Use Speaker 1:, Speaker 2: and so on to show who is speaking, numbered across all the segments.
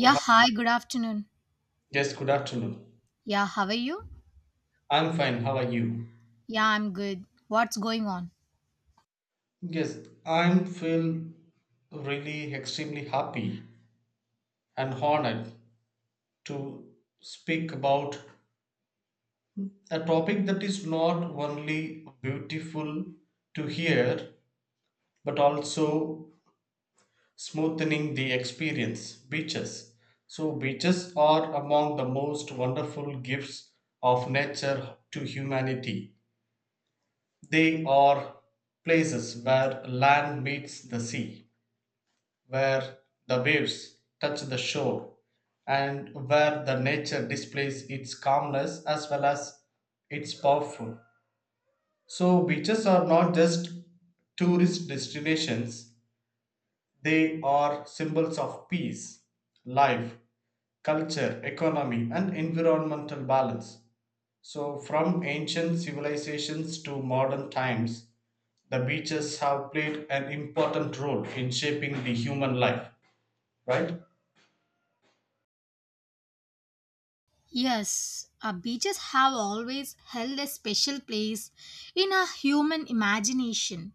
Speaker 1: Oh, hi.
Speaker 2: hi, good afternoon.
Speaker 1: Yes, good afternoon.
Speaker 2: Yeah, how are you?
Speaker 1: I'm fine. How are you?
Speaker 2: Yeah, I'm good. What's going on?
Speaker 1: Yes, I'm feel really extremely happy and honored to speak about a topic that is not only beautiful to hear but also smoothening the experience beaches. So, beaches are among the most wonderful gifts of nature to humanity. They are places where land meets the sea, where the waves touch the shore, and where the nature displays its calmness as well as its powerful. So, beaches are not just tourist destinations, they are symbols of peace, life, culture, economy, and environmental balance. So, from ancient civilizations to modern times, the beaches have played an important role in shaping the human life, right?
Speaker 2: Yes, beaches have always held a special place in our human imagination.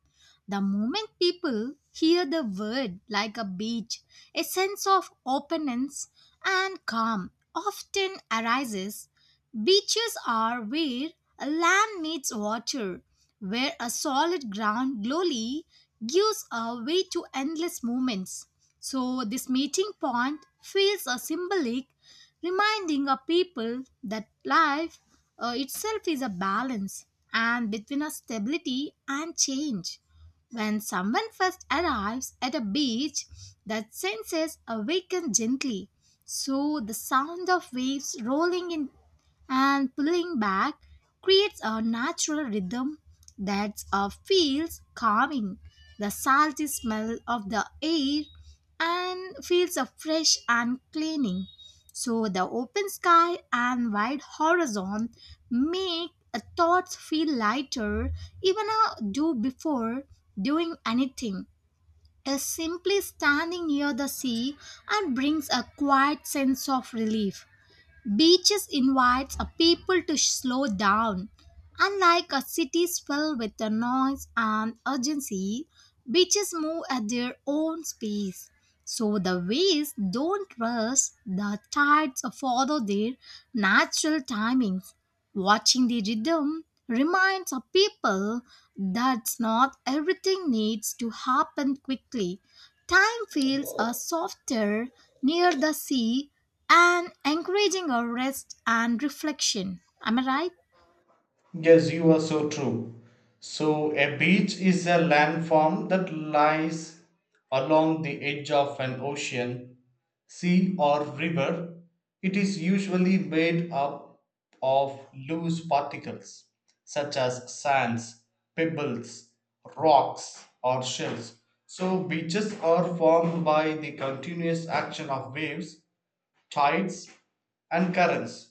Speaker 2: The moment people hear the word like a beach, a sense of openness and calm often arises. Beaches are where a land meets water, where a solid ground slowly gives a way to endless movements. So, this meeting point feels a symbolic reminding our people that life itself is a balance and between a stability and change. When someone first arrives at a beach, that senses awaken gently. So the sound of waves rolling in and pulling back creates a natural rhythm that feels calming. The salty smell of the air and feels a fresh and cleaning. So the open sky and wide horizon make thoughts feel lighter even a do before doing anything. Is simply standing near the sea and brings a quiet sense of relief. Beaches invites a people to slow down. Unlike a city filled with the noise and urgency, beaches move at their own pace. So the waves don't rush, the tides follow their natural timings. Watching the rhythm reminds a people that not everything needs to happen quickly. Time feels a softer near the sea and encouraging a rest and reflection. Am I right?
Speaker 1: Yes, you are so true. So, a beach is a landform that lies along the edge of an ocean, sea, or river. It is usually made up of loose particles such as sands, pebbles, rocks, or shells. So, beaches are formed by the continuous action of waves tides, and currents.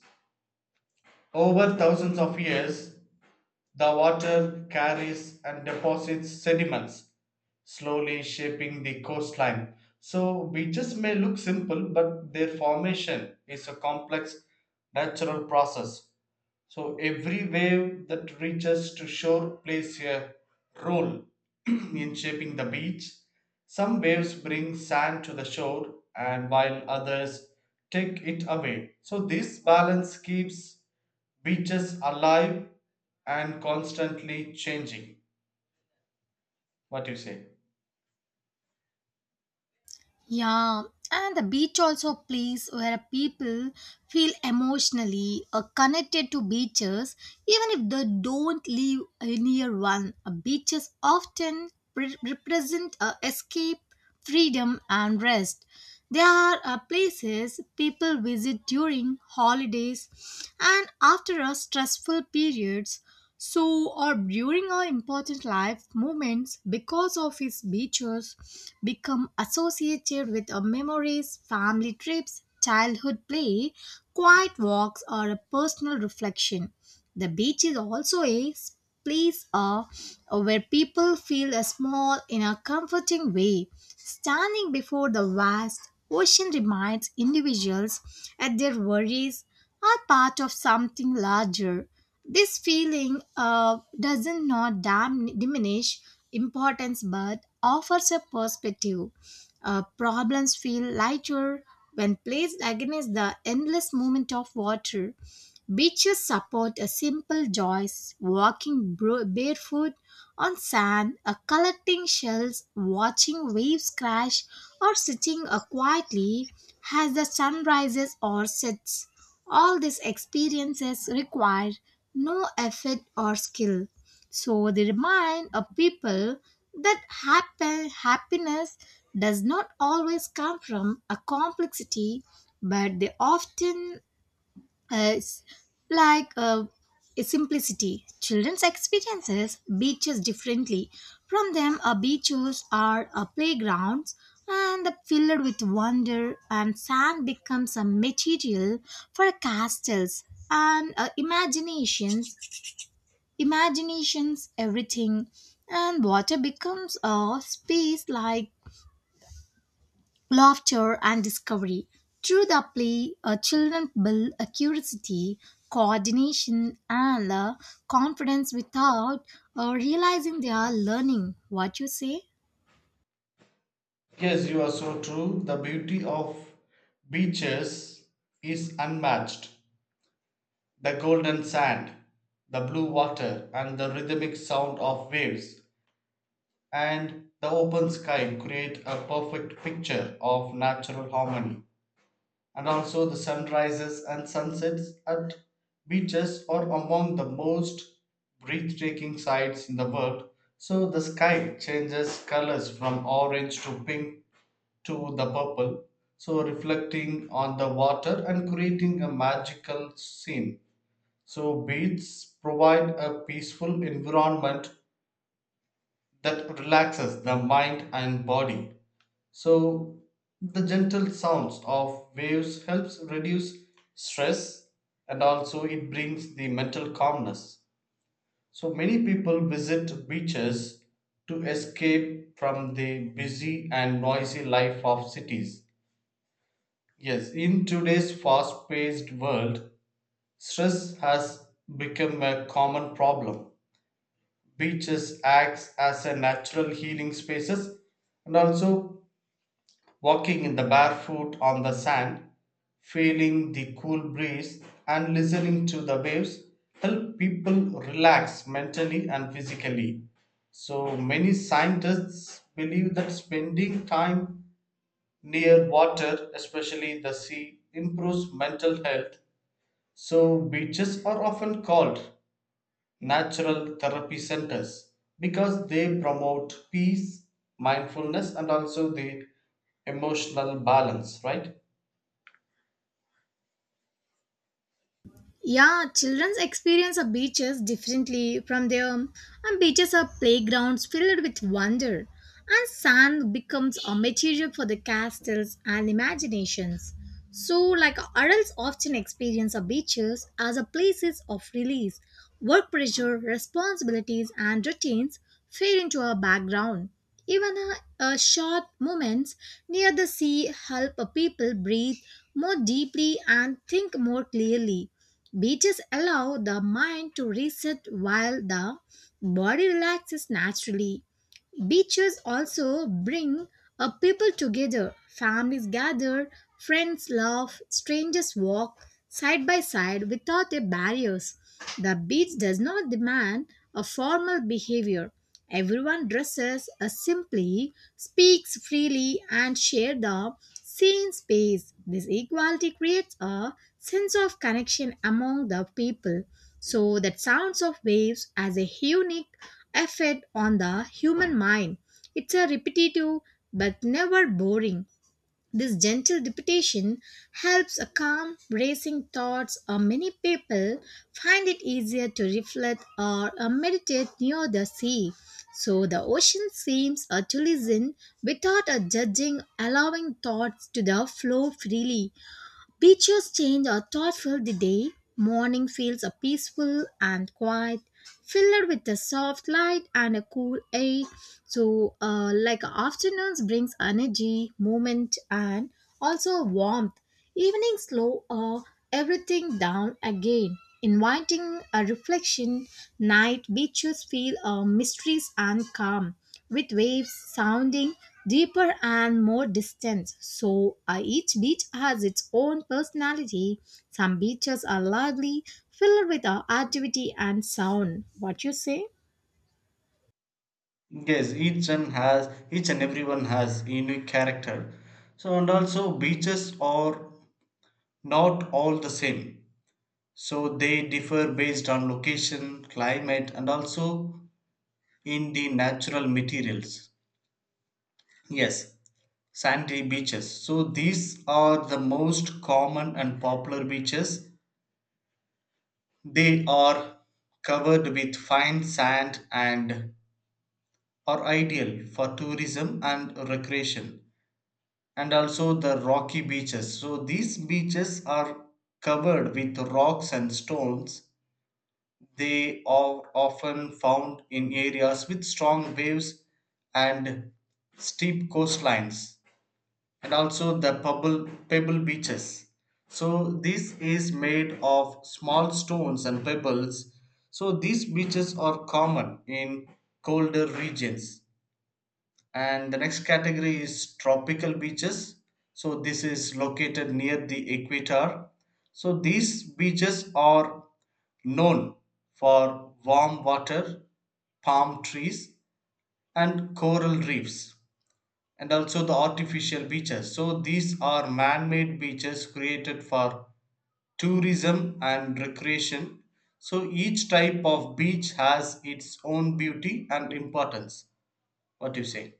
Speaker 1: Over thousands of years, the water carries and deposits sediments, slowly shaping the coastline. So, beaches may look simple, but their formation is a complex natural process, so every wave that reaches to shore plays a role in shaping the beach. Some waves bring sand to the shore and while others take it away. So this balance keeps beaches alive and constantly changing. What do you say?
Speaker 2: Yeah, and the beach also a place where people feel emotionally connected to beaches, even if they don't live near one. Beaches often represent escape, freedom, and rest. They are places people visit during holidays and after a stressful periods so, or during our important life moments, because of his beaches, become associated with our memories, family trips, childhood play, quiet walks, or a personal reflection. The beach is also a place where people feel a small in a comforting way. Standing before the vast ocean reminds individuals that their worries are part of something larger. This feeling doesn't not diminish importance but offers a perspective. Problems feel lighter when placed against the endless movement of water. Beaches support a simple joys, walking barefoot on sand, collecting shells, watching waves crash, or sitting quietly as the sun rises or sets. All these experiences require no effort or skill. So they remind a people that happiness does not always come from a complexity, but they often it's like a simplicity. Children's experiences beaches differently. From them, beaches are playgrounds and filled with wonder, and sand becomes a material for castles and imaginations. Imaginations, everything, and water becomes a space like laughter, and discovery. Through the play, children build a curiosity, coordination, and confidence without realizing they are learning. What you say?
Speaker 1: Yes, you are so true. The beauty of beaches is unmatched. The golden sand, the blue water, and the rhythmic sound of waves, and the open sky create a perfect picture of natural harmony. And also, the sunrises and sunsets at beaches are among the most breathtaking sights in the world. So, the sky changes colors from orange to pink to the purple, so reflecting on the water and creating a magical scene. So, beads provide a peaceful environment that relaxes the mind and body. So, the gentle sounds of waves helps reduce stress, and also it brings the mental calmness. So, many people visit beaches to escape from the busy and noisy life of cities. Yes, in today's fast paced world, stress has become a common problem. Beaches acts as a natural healing spaces, and also walking in the barefoot on the sand, feeling the cool breeze and listening to the waves help people relax mentally and physically. So many scientists believe that spending time near water, especially the sea, improves mental health. So beaches are often called natural therapy centers because they promote peace, mindfulness, and also the emotional balance, right?
Speaker 2: Yeah, children's experience of beaches differently from their and beaches are playgrounds filled with wonder, and sand becomes a material for the castles and imaginations. So, like adults often experience a beaches as a places of release, work pressure, responsibilities, and routines fade into our background. Even a short moments near the sea help a people breathe more deeply and think more clearly. Beaches allow the mind to reset while the body relaxes naturally. Beaches also bring a people together. Families gather, friends laugh, strangers walk side by side without a barriers. The beach does not demand a formal behavior. Everyone dresses simply, speaks freely, and share the same space. This equality creates a sense of connection among the people. So that sounds of waves has a unique effect on the human mind. It's a repetitive but never boring. This gentle repetition helps a calm racing thoughts or many people find it easier to reflect or meditate near the sea. So the ocean seems to listen without a judging, allowing thoughts to the flow freely. Beaches change are thoughtful the day. Morning feels a peaceful and quiet, filled with a soft light and a cool air. So, like afternoons brings energy, movement, and also warmth. Evening slow everything down again, inviting a reflection. Night beaches feel mysteries and calm, with waves sounding deeper and more distant. So each beach has its own personality. Some beaches are lively, filled with activity and sound. What you say?
Speaker 1: Yes, each and everyone has unique character. So and also beaches are not all the same. So they differ based on location, climate, and also in the natural materials. Yes, sandy beaches. So these are the most common and popular beaches. They are covered with fine sand and are ideal for tourism and recreation, and also the rocky beaches. So, these beaches are covered with rocks and stones. They are often found in areas with strong waves and steep coastlines, and also the pebble beaches. So this is made of small stones and pebbles. So these beaches are common in colder regions. And the next category is tropical beaches. So this is located near the equator. So these beaches are known for warm water, palm trees, and coral reefs, and also the artificial beaches. So these are man-made beaches created for tourism and recreation. So each type of beach has its own beauty and importance. What do you say?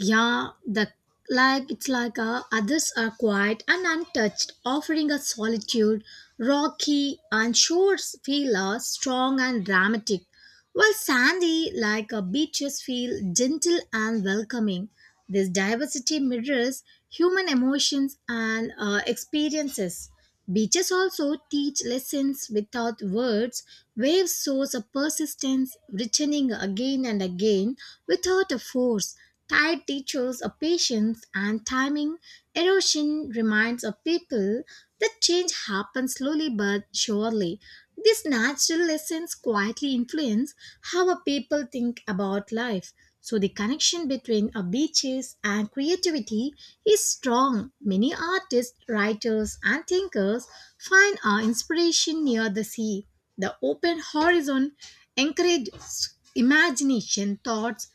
Speaker 2: Yeah, the like it's like others are quiet and untouched, offering a solitude, rocky and shores feel strong and dramatic, while sandy like beaches feel gentle and welcoming. This diversity mirrors human emotions and experiences. Beaches also teach lessons without words. Waves shows a persistence, returning again and again without a force. Tide teaches a patience and timing. Erosion reminds a people that change happens slowly but surely. These natural lessons quietly influence how a people think about life. So the connection between a beaches and creativity is strong. Many artists, writers, and thinkers find our inspiration near the sea. The open horizon encourages imagination, thoughts,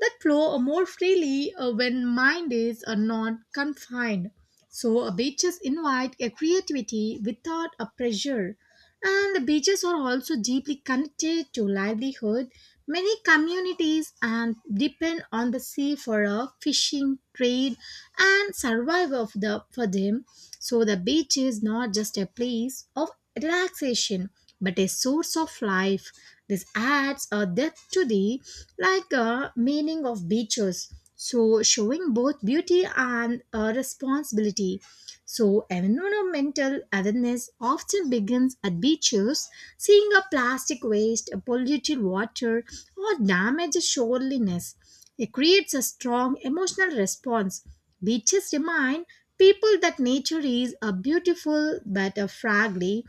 Speaker 2: that flow more freely when mind is not confined. So beaches invite a creativity without a pressure. And the beaches are also deeply connected to livelihood. Many communities and depend on the sea for a fishing, trade, and survival of the, for them. So the beach is not just a place of relaxation, but a source of life. This adds a depth to the like a meaning of beaches. So showing both beauty and a responsibility. So environmental awareness often begins at beaches, seeing a plastic waste, a polluted water, or damaged shoreliness. It creates a strong emotional response. Beaches remind people that nature is a beautiful but a fragile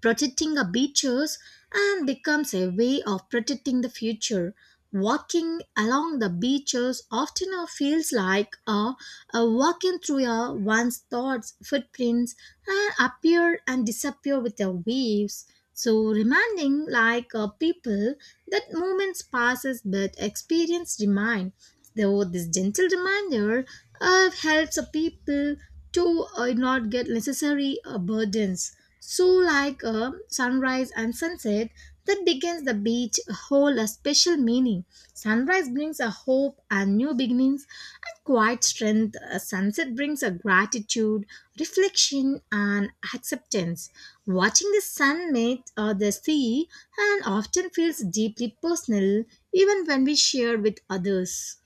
Speaker 2: protecting our beaches and becomes a way of protecting the future. Walking along the beaches often feels like a walking through a one's thoughts, footprints, and appear and disappear with the waves. So reminding like people that moments passes but experience remain. Though this gentle reminder helps the people to not get necessary burdens. So, like a sunrise and sunset that begins the beach hold a special meaning. Sunrise brings a hope and new beginnings and quiet strength. A sunset brings a gratitude, reflection, and acceptance. Watching the sun mate or the sea and often feels deeply personal even when we share with others.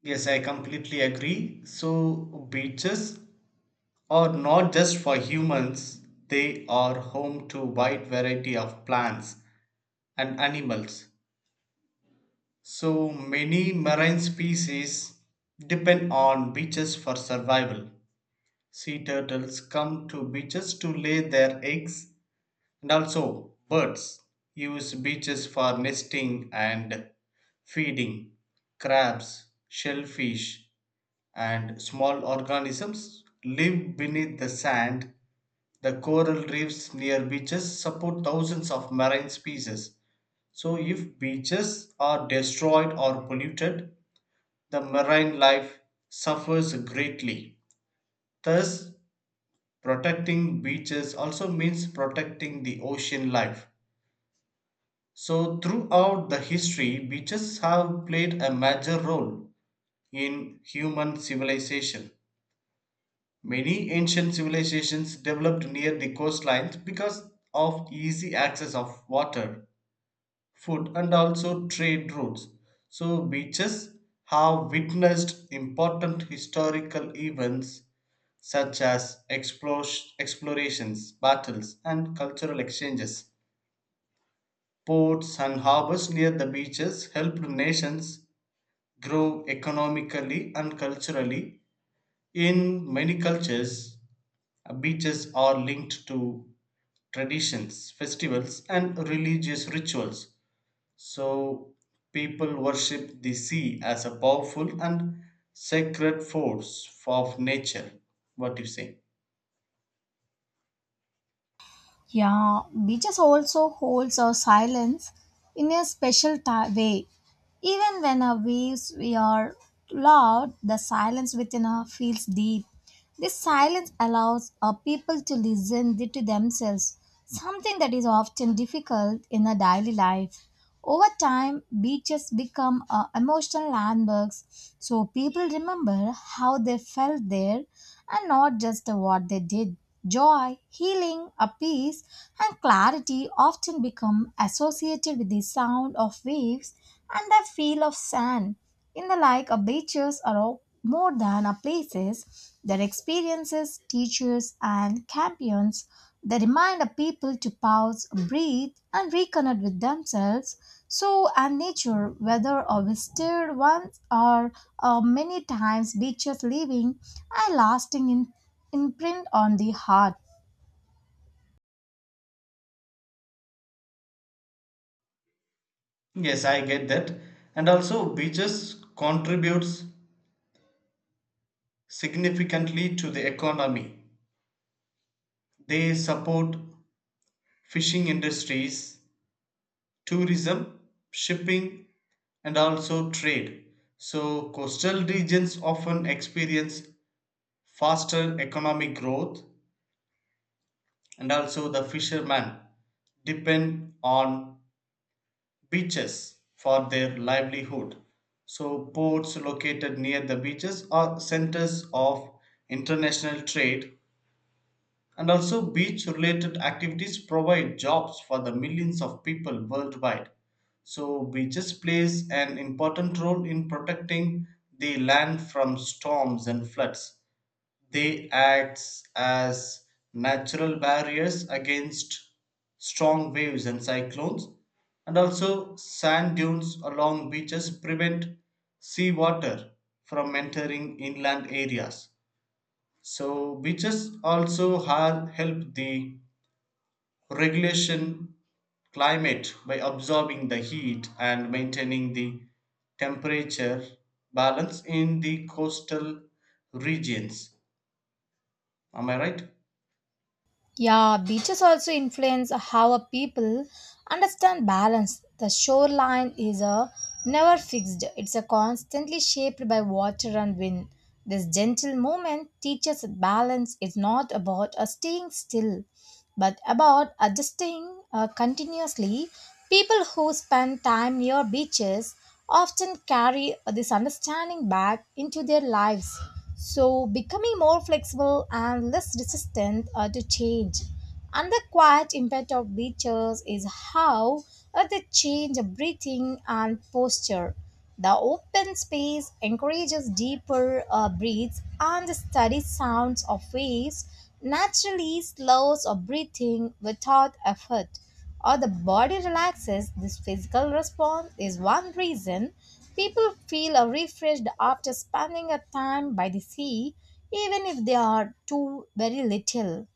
Speaker 1: Yes, I completely agree. So beaches are not just for humans, they are home to wide variety of plants and animals. So many marine species depend on beaches for survival. Sea turtles come to beaches to lay their eggs, and also birds use beaches for nesting and feeding. Crabs, shellfish, and small organisms live beneath the sand. The coral reefs near beaches support thousands of marine species. So, if beaches are destroyed or polluted, the marine life suffers greatly. Thus, protecting beaches also means protecting the ocean life. So, throughout the history, beaches have played a major role in human civilization. Many ancient civilizations developed near the coastlines because of easy access of water, food, and also trade routes. So, beaches have witnessed important historical events such as explorations, battles, and cultural exchanges. Ports and harbors near the beaches helped nations grow economically and culturally. In many cultures, beaches are linked to traditions, festivals, and religious rituals. So, people worship the sea as a powerful and sacred force of nature. What do you say?
Speaker 2: Yeah, beaches also holds our silence in a special ti way. Even when our waves we are loud, the silence within us feels deep. This silence allows people to listen to themselves, something that is often difficult in a daily life. Over time, beaches become emotional landmarks, so people remember how they felt there and not just what they did. Joy, healing, a peace, and clarity often become associated with the sound of waves and the feel of sand. In the like, a beaches are more than a places. Their experiences, teachers, and champions. They remind a people to pause, breathe, and reconnect with themselves. So, and nature, whether a visited once or many times, beaches leaving a lasting imprint on the heart.
Speaker 1: Yes, I get that. And also, beaches contributes significantly to the economy. They support fishing industries, tourism, shipping, and also trade. So, coastal regions often experience faster economic growth, and also the fishermen depend on beaches for their livelihood. So, ports located near the beaches are centers of international trade, and also beach related activities provide jobs for the millions of people worldwide. So, beaches plays an important role in protecting the land from storms and floods. They act as natural barriers against strong waves and cyclones, and also sand dunes along beaches prevent seawater from entering inland areas. So, beaches also help the regulation climate by absorbing the heat and maintaining the temperature balance in the coastal regions. Am I right?
Speaker 2: Yeah, beaches also influence how a people understand balance. The shoreline is a never fixed. It's a constantly shaped by water and wind. This gentle movement teaches that balance is not about a staying still but about adjusting continuously. People who spend time near beaches often carry this understanding back into their lives, so becoming more flexible and less resistant to change. And the quiet impact of beaches is how they change breathing and posture. The open space encourages deeper breaths and the steady sounds of waves naturally slows our breathing without effort or the body relaxes. This physical response is one reason people feel refreshed after spending a time by the sea even if they are too very little.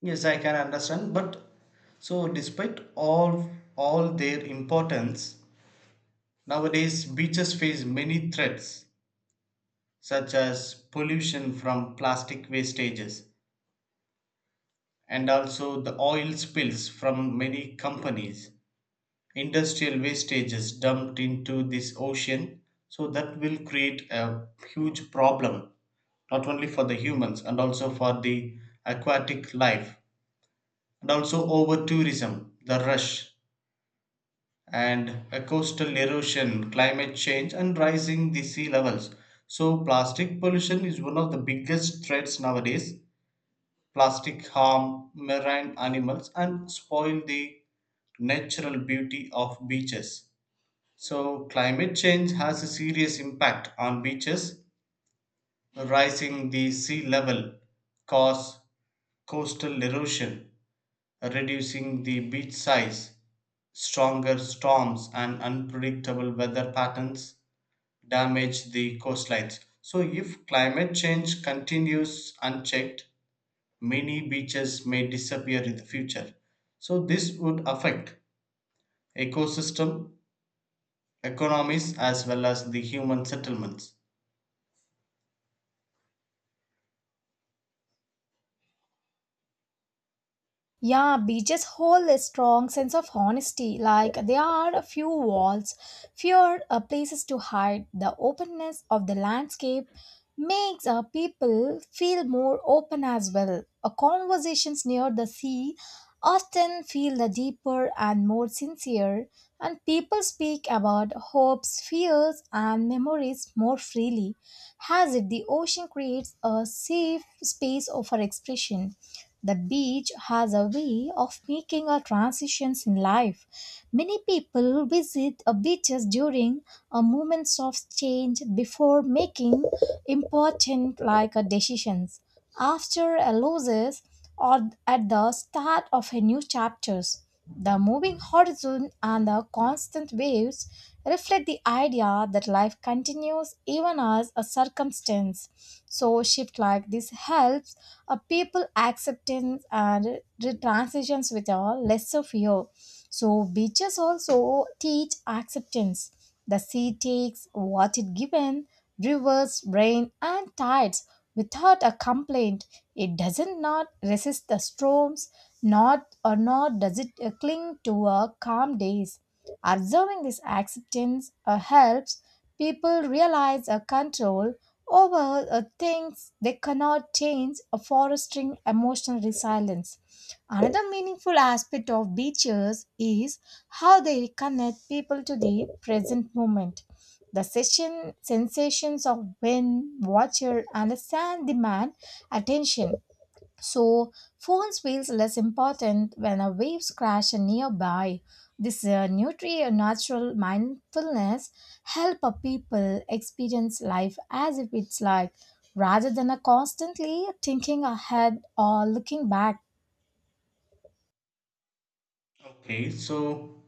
Speaker 1: Yes, I can understand. But so, despite all their importance, nowadays beaches face many threats, such as pollution from plastic wastages and also the oil spills from many companies, industrial wastages dumped into this ocean. So that will create a huge problem, not only for the humans and also for the aquatic life, and also over tourism, the rush and a coastal erosion, climate change, and rising the sea levels. So, plastic pollution is one of the biggest threats nowadays. Plastic harm marine animals and spoil the natural beauty of beaches. So, climate change has a serious impact on beaches. Rising the sea level cause coastal erosion, reducing the beach size, stronger storms, and unpredictable weather patterns damage the coastlines. So, if climate change continues unchecked, many beaches may disappear in the future. So, this would affect ecosystem, economies, as well as the human settlements.
Speaker 2: Yeah, beaches hold a strong sense of honesty. Like there are a few walls, fewer places to hide. The openness of the landscape makes people feel more open as well. Conversations near the sea often feel the deeper and more sincere, and people speak about hopes, fears, and memories more freely, as if the ocean creates a safe space for expression. The beach has a way of making our transitions in life. Many people visit a beaches during a moments of change before making important like decisions after a loses or at the start of a new chapters. The moving horizon and the constant waves reflect the idea that life continues even as a circumstance. So shift like this helps a people acceptance and transitions with a lesser fear. So beaches also teach acceptance. The sea takes what it given, rivers, rain, and tides without a complaint. It doesn't not resist the storms, not or not does it cling to a calm days. Observing this acceptance helps people realize a control over things they cannot change, fostering emotional resilience. Another meaningful aspect of beaches is how they connect people to the present moment. The sensations of wind, water, and the sand demand attention. So, phones feels less important when a waves crash nearby. This natural mindfulness help a people experience life as if it's like rather than a constantly thinking ahead or looking back.
Speaker 1: Okay, so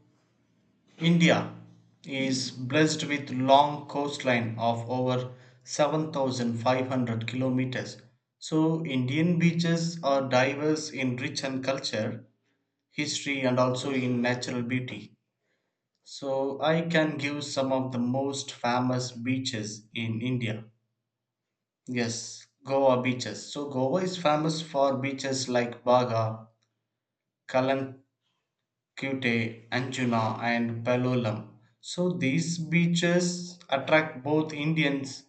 Speaker 1: India is blessed with long coastline of over 7,500 kilometers. So, Indian beaches are diverse in rich and culture, history, and also in natural beauty. So I can give some of the most famous beaches in India. Yes, Goa beaches. So Goa is famous for beaches like Baga, Kalankute, Anjuna, and Palolem. So these beaches attract both Indians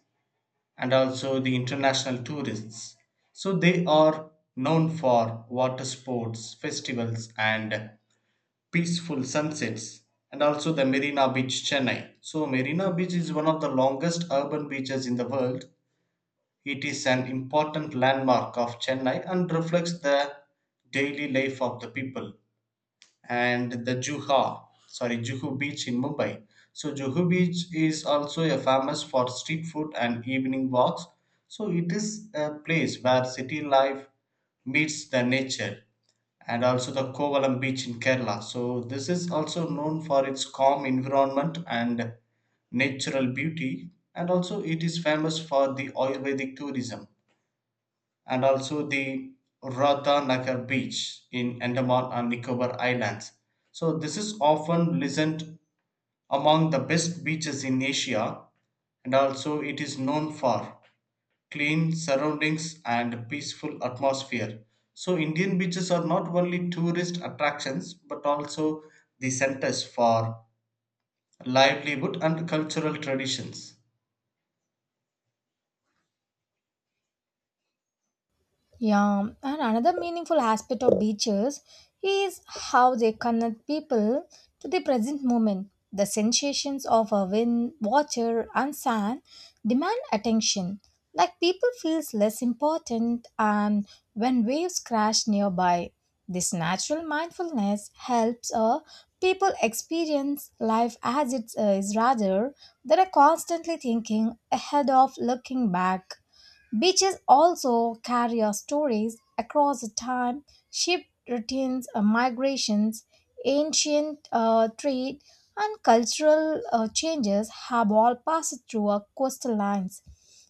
Speaker 1: and also the international tourists. So they are known for water sports, festivals, and peaceful sunsets, and also the Marina Beach, Chennai. So, Marina Beach is one of the longest urban beaches in the world. It is an important landmark of Chennai and reflects the daily life of the people. And the Juhu Beach in Mumbai. So, Juhu Beach is also a famous for street food and evening walks. So, it is a place where city life meets the nature, and also the Kovalam beach in Kerala. So, this is also known for its calm environment and natural beauty, and also it is famous for the Ayurvedic tourism, and also the Ratanagar beach in Andaman and Nicobar Islands. So, this is often listed among the best beaches in Asia, and also it is known for clean surroundings and peaceful atmosphere. So Indian beaches are not only tourist attractions but also the centers for livelihood and cultural traditions.
Speaker 2: Yeah, and another meaningful aspect of beaches is how they connect people to the present moment. The sensations of a wind, water, and sand demand attention. Like people feels less important, and when waves crash nearby, this natural mindfulness helps people experience life as it is rather than constantly thinking ahead of looking back. Beaches also carry our stories across time, ship routines, migrations, ancient trade, and cultural changes have all passed through our coastal lines.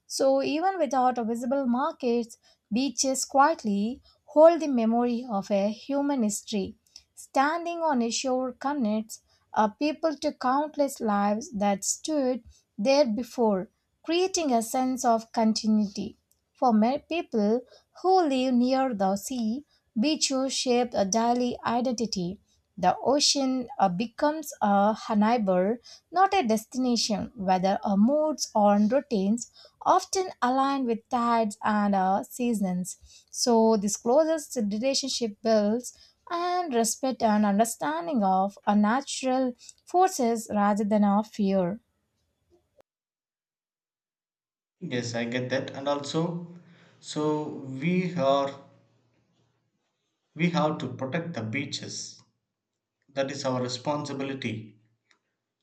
Speaker 2: So, even without a visible markets, beaches quietly hold the memory of a human history. Standing on a shore connects a people to countless lives that stood there before creating a sense of continuity. For many people who live near the sea, beaches shape a daily identity. The ocean becomes a neighbor, not a destination, whether our moods or routines often align with tides and seasons. So, this closest relationship builds and respect and understanding of a natural forces rather than of fear.
Speaker 1: Yes, I get that. And also, so we are, we have to protect the beaches. That is our responsibility,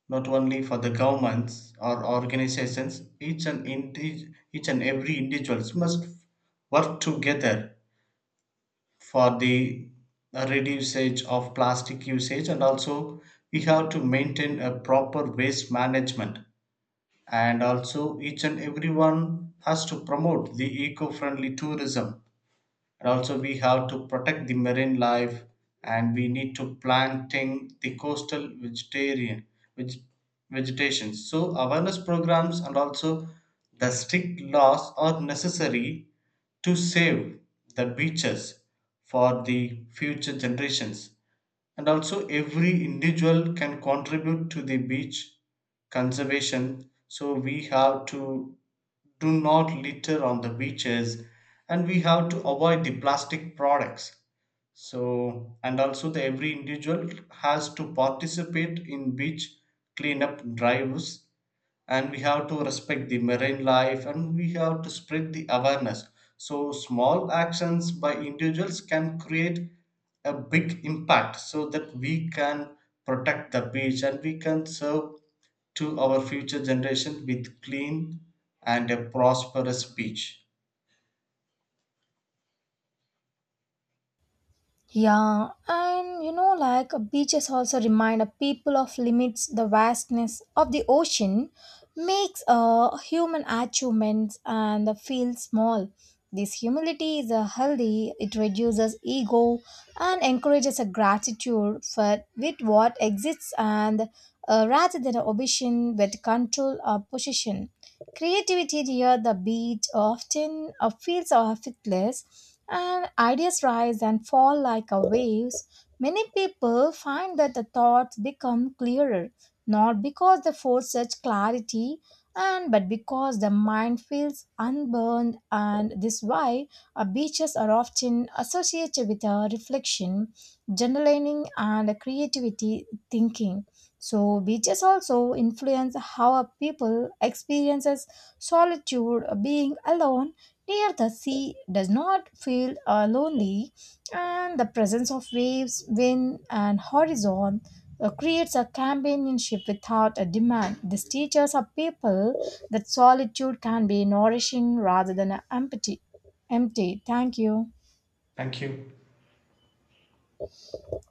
Speaker 1: not only for the governments or organizations. Each and each and every individuals must work together for the reducage of plastic usage, and also we have to maintain a proper waste management, and also each and everyone has to promote the eco-friendly tourism, and also we have to protect the marine life, and we need to planting the coastal vegetarian, veg- vegetation. So awareness programs and also the strict laws are necessary to save the beaches for the future generations. And also every individual can contribute to the beach conservation. So we have to do not litter on the beaches, and we have to avoid the plastic products. So and also the every individual has to participate in beach cleanup drives, and we have to respect the marine life, and we have to spread the awareness. So small actions by individuals can create a big impact, so that we can protect the beach and we can serve to our future generation with clean and a prosperous beach.
Speaker 2: Yeah, and you know, like beaches also remind a people of limits. The vastness of the ocean makes human achievements and the feel small. This humility is a healthy. It reduces ego and encourages a gratitude for with what exists, and rather than ambition but control or possession. Creativity near the beach often feels effortless and ideas rise and fall like a waves, many people find that the thoughts become clearer, not because they force such clarity, and but because the mind feels unburned, and this why beaches are often associated with a reflection, journaling, and a creativity thinking. So beaches also influence how a people experiences solitude, being alone. Near the sea does not feel lonely, and the presence of waves, wind, and horizon creates a companionship without a demand. This teaches our people that solitude can be nourishing rather than empty. Empty. Thank you.
Speaker 1: Thank you.